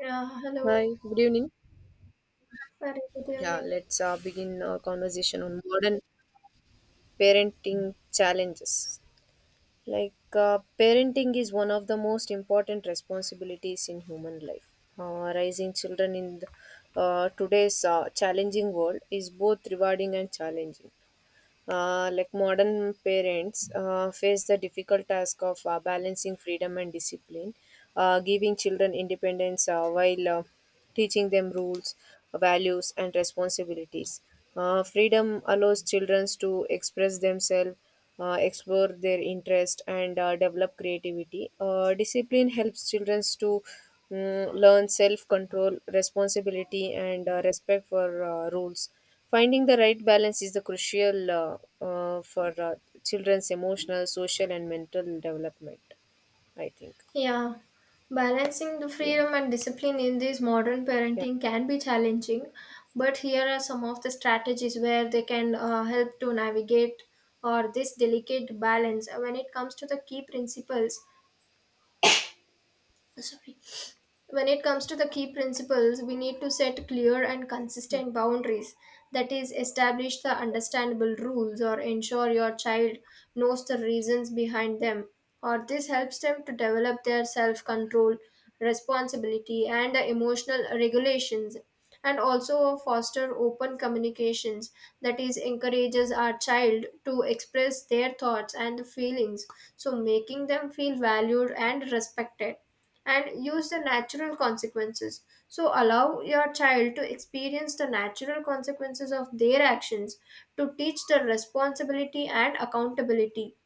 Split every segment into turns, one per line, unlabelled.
Yeah, hello.
Hi, good evening.
Very good
Yeah,
evening.
let's begin our conversation on modern parenting challenges. Parenting is one of the most important responsibilities in human life. Raising children in today's challenging world is both rewarding and challenging. Modern parents face the difficult task of balancing freedom and discipline, giving children independence while teaching them rules, values, and responsibilities. Freedom allows children to express themselves, explore their interest, and develop creativity. Discipline helps children to learn self control, responsibility, and respect for rules. Finding the right balance is the crucial for children's emotional, social, and mental development, I think.
Yeah, balancing the
Yeah.
freedom and discipline in this modern
Yeah.
parenting can be challenging, but here are some of the strategies where they can help to navigate or this delicate balance. When it comes to the key principles, sorry. When it comes to the key principles, we need to set clear and
Yeah.
consistent boundaries, that is establish the understandable rules or ensure your child knows the reasons behind them, or this helps them to develop their self control, responsibility, and the emotional regulations. And also foster open communications, that is encourages our child to express their thoughts and feelings, so making them feel valued and respected, and use the natural consequences. So, allow your child to experience the natural consequences of their actions to teach the responsibility and accountability.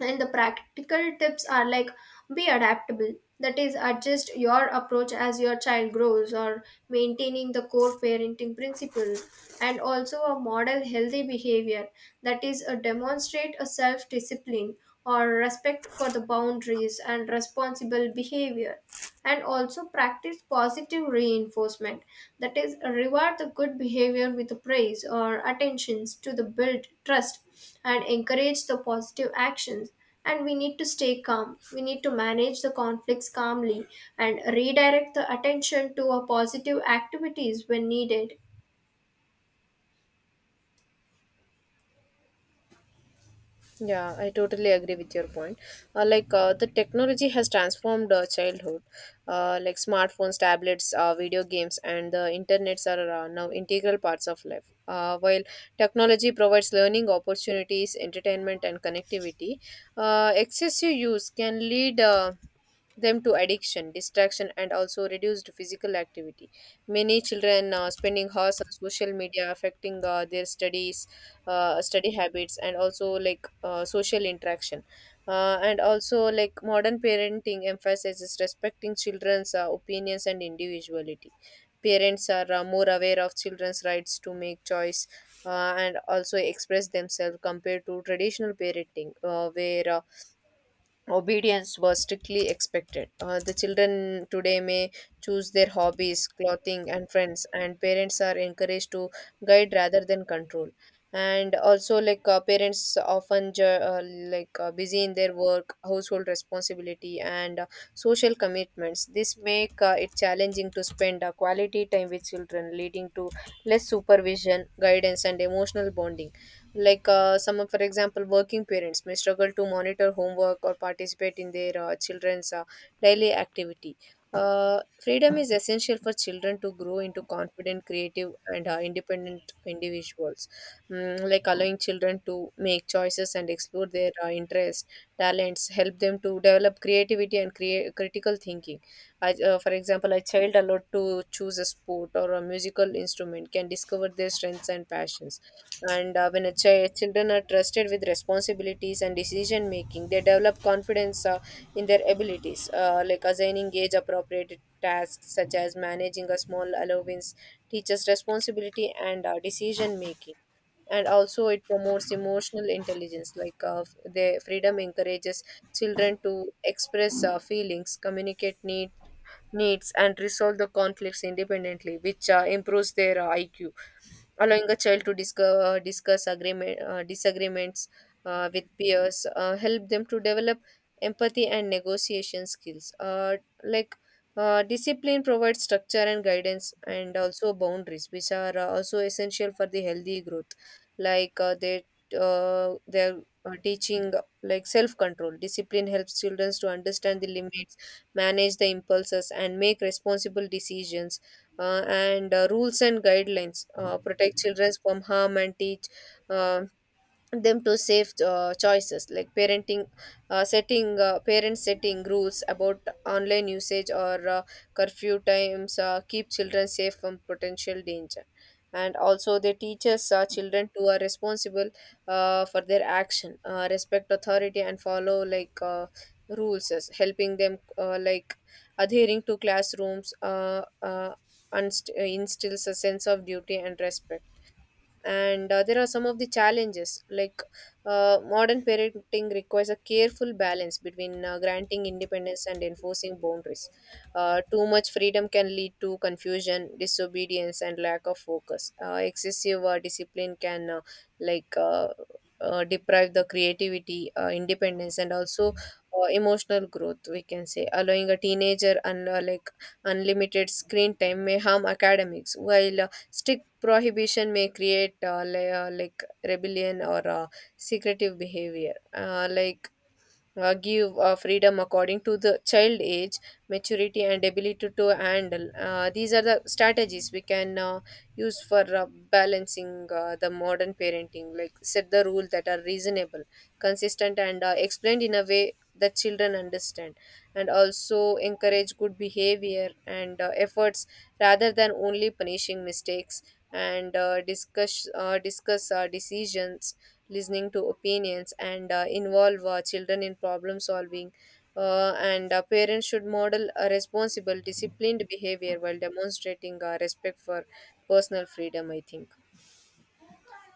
And the practical tips are like be adaptable, that is, adjust your approach as your child grows, or maintaining the core parenting principles, and also a model healthy behavior, that is, a demonstrate a self discipline or respect for the boundaries and responsible behavior, and also practice positive reinforcement, that is reward the good behavior with praise or attentions to the build trust and encourage the positive actions. And we need to stay calm, we need to manage the conflicts calmly and redirect the attention to a positive activities when needed.
Yeah, I totally agree with your point. The technology has transformed childhood. Like smartphones, tablets, video games, and the internets are now integral parts of life. While technology provides learning opportunities, entertainment, and connectivity, excessive use can lead them to addiction, distraction, and also reduced physical activity. Many children spending hours on social media, affecting their studies, study habits, and also social interaction. And also modern parenting emphasizes respecting children's opinions and individuality. Parents are more aware of children's rights to make choice, and also express themselves compared to traditional parenting where obedience was strictly expected. The children today may choose their hobbies, clothing, and friends, and parents are encouraged to guide rather than control. And also, parents often busy in their work, household responsibility, and social commitments. This make it challenging to spend quality time with children, leading to less supervision, guidance, and emotional bonding. Like some of For example, working parents may struggle to monitor homework or participate in their children's daily activity. Freedom is essential for children to grow into confident, creative, and independent individuals. Like, allowing children to make choices and explore their interests, talents help them to develop creativity and create critical thinking. For example, a child allowed to choose a sport or a musical instrument can discover their strengths and passions. And when children are trusted with responsibilities and decision making, they develop confidence in their abilities. Like assigning age appropriate tasks such as managing a small allowance teaches responsibility and decision making. And also it promotes emotional intelligence. The freedom encourages children to express feelings, needs, and resolve the conflicts independently, which improves their IQ. Allowing a child to discover, discuss agreement, disagreements with peers help them to develop empathy and negotiation skills. Like Discipline provides structure and guidance, and also boundaries, which are also essential for the healthy growth. Like uh, they they're teaching like self control. Discipline helps children to understand the limits, manage the impulses, and make responsible decisions. And Rules and guidelines protect children from harm and teach uh, them to safe choices. Like parenting uh, setting uh, parents setting rules about online usage or curfew times keep children safe from potential danger. And also they teaches children to are responsible for their action, respect authority, and follow rules, as helping them adhering to classrooms and instills a sense of duty and respect. And there are some of the challenges. Modern parenting requires a careful balance between granting independence and enforcing boundaries. Too much freedom can lead to confusion, disobedience, and lack of focus. Excessive discipline can like uh, deprive the creativity, independence, and also emotional growth, we can say. Allowing a teenager and unlimited screen time may harm academics, while strict prohibition may create rebellion or secretive behavior. Give freedom according to the child age, maturity, and ability to handle these are the strategies we can use for balancing the modern parenting. Like, set the rules that are reasonable, consistent, and explained in a way that children understand. And also encourage good behavior and efforts rather than only punishing mistakes. And discuss decisions, listening to opinions, and involve children in problem solving. And Parents should model a responsible, disciplined behavior while demonstrating respect for personal freedom, I think.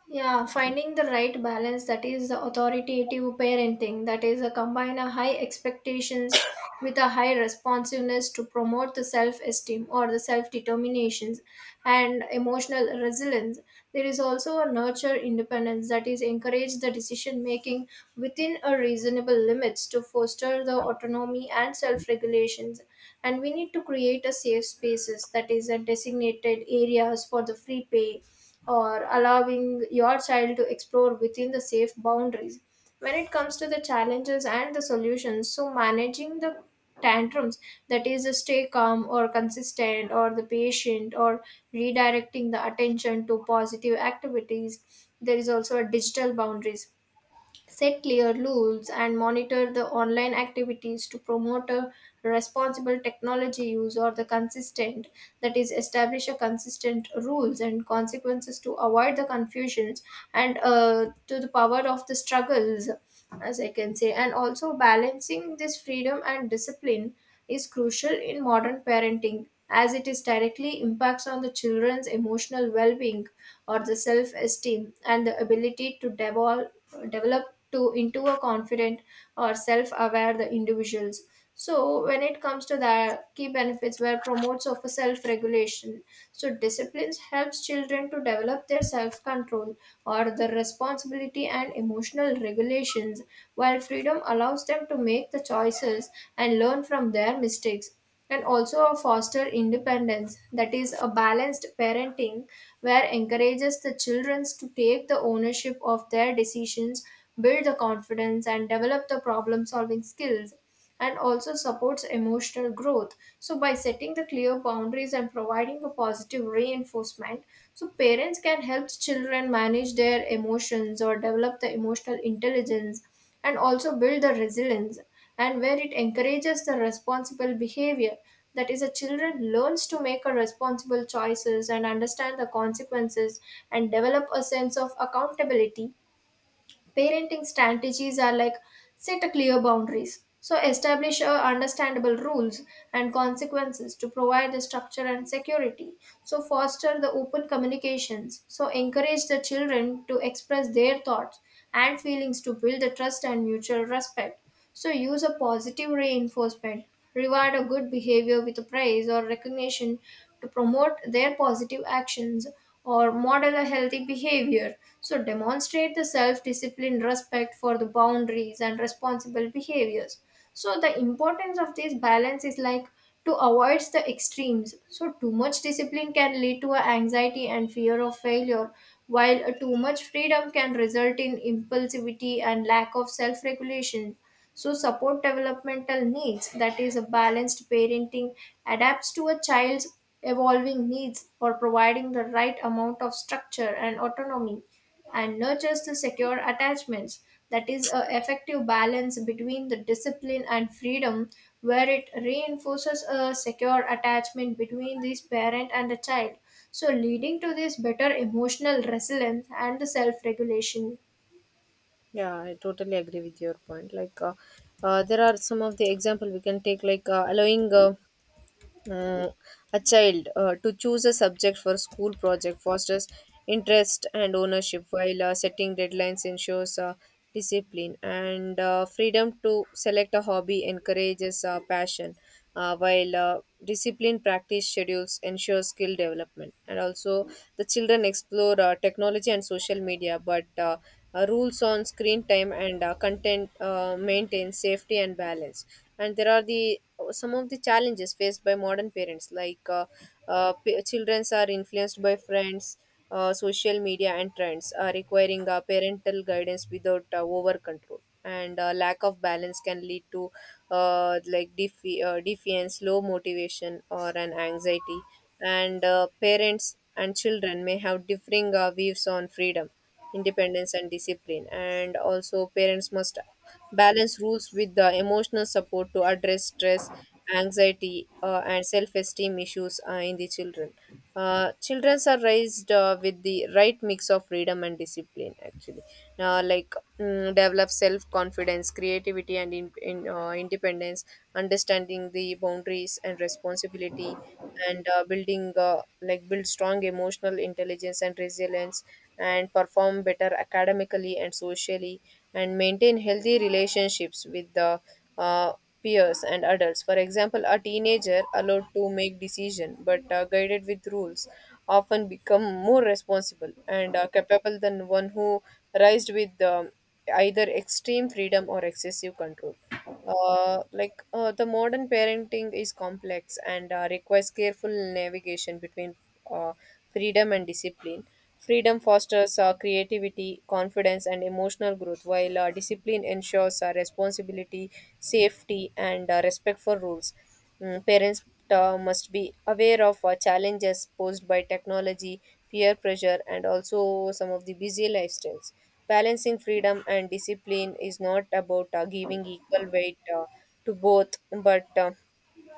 Yeah, finding the right balance, that is the authoritative parenting, that is a combine a high expectations with a high responsiveness to promote the self-esteem or the self-determinations and emotional resilience. There is also a nurture independence, that is encourage the decision making within a reasonable limits to foster the autonomy and self-regulations. And we need to create a safe spaces, that is a designated areas for the free play or allowing your child to explore within the safe boundaries. When it comes to the challenges and the solutions, so managing the tantrums, that is stay calm or consistent or the patient or redirecting the attention to positive activities. There is also a digital boundaries, set clear rules and monitor the online activities to promote a responsible technology use or the consistent, that is establish a consistent rules and consequences to avoid the confusions, and to the power of the struggles as I can say. And also, balancing this freedom and discipline is crucial in modern parenting, as it is directly impacts on the children's emotional well-being or the self-esteem and the ability to develop to into a confident or self-aware the individuals. So when it comes to the key benefits where promotes of a self-regulation, so disciplines helps children to develop their self-control or the responsibility and emotional regulations, while freedom allows them to make the choices and learn from their mistakes. And also foster independence, that is a balanced parenting where encourages the children to take the ownership of their decisions, build the confidence, and develop the problem solving skills, and also supports emotional growth. So, by setting the clear boundaries and providing a positive reinforcement, so parents can help children manage their emotions or develop the emotional intelligence and also build the resilience. And where it encourages the responsible behavior, that is, a children learns to make a responsible choices and understand the consequences and develop a sense of accountability. Parenting strategies are like set a clear boundaries. So establish a understandable rules and consequences to provide the structure and security. So foster the open communications. So encourage the children to express their thoughts and feelings to build the trust and mutual respect. So use a positive reinforcement. Reward a good behavior with a praise or recognition to promote their positive actions or model a healthy behavior. So demonstrate the self discipline, respect for the boundaries and responsible behaviors. So the importance of this balance is like to avoid the extremes. So too much discipline can lead to a anxiety and fear of failure, while a too much freedom can result in impulsivity and lack of self-regulation. So, support developmental needs, that is, a balanced parenting adapts to a child's evolving needs for providing the right amount of structure and autonomy and nurtures the secure attachments, that is a effective balance between the discipline and freedom where it reinforces a secure attachment between this parent and the child, so leading to this better emotional resilience and the self regulation.
Yeah, I totally agree with your point. Like, there are some of the example we can take, like Mm, a child to choose a subject for school project fosters interest and ownership, while setting deadlines ensures discipline. And freedom to select a hobby encourages passion, while discipline practice schedules ensure skill development. And also the children explore technology and social media, but rules on screen time and content maintain safety and balance. And there are the some of the challenges faced by modern parents. Childrens are influenced by friends, social media, and trends, requiring parental guidance without over control. And lack of balance can lead to defiance, low motivation, or an anxiety. And parents and children may have differing views on freedom, independence, and discipline. And also, parents must balance rules with the emotional support to address stress, anxiety, and self esteem issues in the children. Children are raised with the right mix of freedom and discipline, actually. Like, develop self confidence, creativity, and independence, understanding the boundaries and responsibility, and build strong emotional intelligence and resilience, and perform better academically and socially, and maintain healthy relationships with the uh, peers and adults. For example, a teenager allowed to make decision but guided with rules often become more responsible and capable than one who raised with either extreme freedom or excessive control. The modern parenting is complex and requires careful navigation between uh, freedom and discipline. Freedom fosters creativity, confidence, and emotional growth, while discipline ensures responsibility, safety, and respect for rules. Parents must be aware of challenges posed by technology, peer pressure, and also some of the busy lifestyles. Balancing freedom and discipline is not about giving equal weight to both, but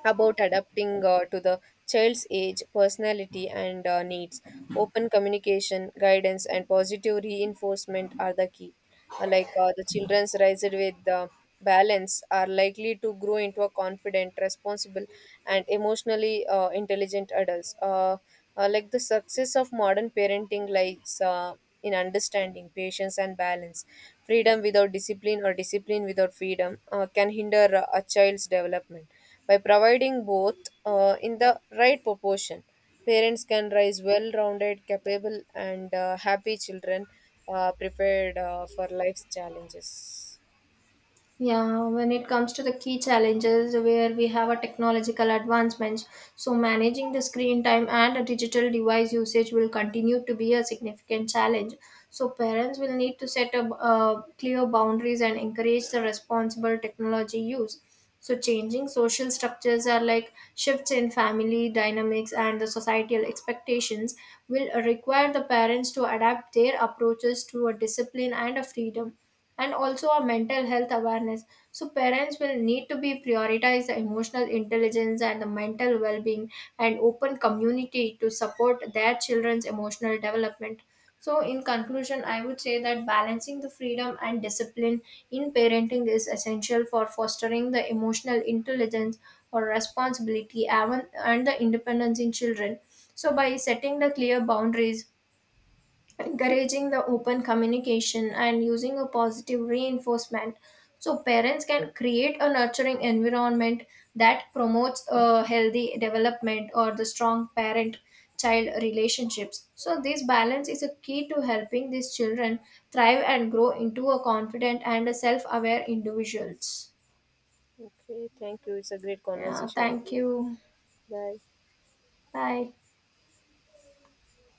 about adapting to the child's age, personality, and needs. Open communication, guidance, and positive reinforcement are the key. The children's raised with balance are likely to grow into a confident, responsible, and emotionally intelligent adults. The success of modern parenting lies in understanding, patience, and balance. Freedom without discipline or discipline without freedom can hinder a child's development. By providing both in the right proportion, parents can raise well rounded, capable, and happy children prepared for life's challenges.
Yeah, when it comes to the key challenges where we have a technological advancements, so managing the screen time and a digital device usage will continue to be a significant challenge. So parents will need to set up clear boundaries and encourage the responsible technology use. So changing social structures are like shifts in family dynamics and the societal expectations will require the parents to adapt their approaches to a discipline and a freedom, and also our mental health awareness. So, parents will need to be prioritize the emotional intelligence and the mental well being and open community to support their children's emotional development. So, in conclusion, I would say that balancing the freedom and discipline in parenting is essential for fostering the emotional intelligence or responsibility and the independence in children. So, by setting the clear boundaries, encouraging the open communication and using a positive reinforcement, so parents can create a nurturing environment that promotes a healthy development or the strong parent child relationships, so this balance is a key to helping these children thrive and grow into a confident and self-aware individuals.
Okay, thank you. It's a great
Yeah,
conversation with
thank
you.
you.
Bye.
Bye.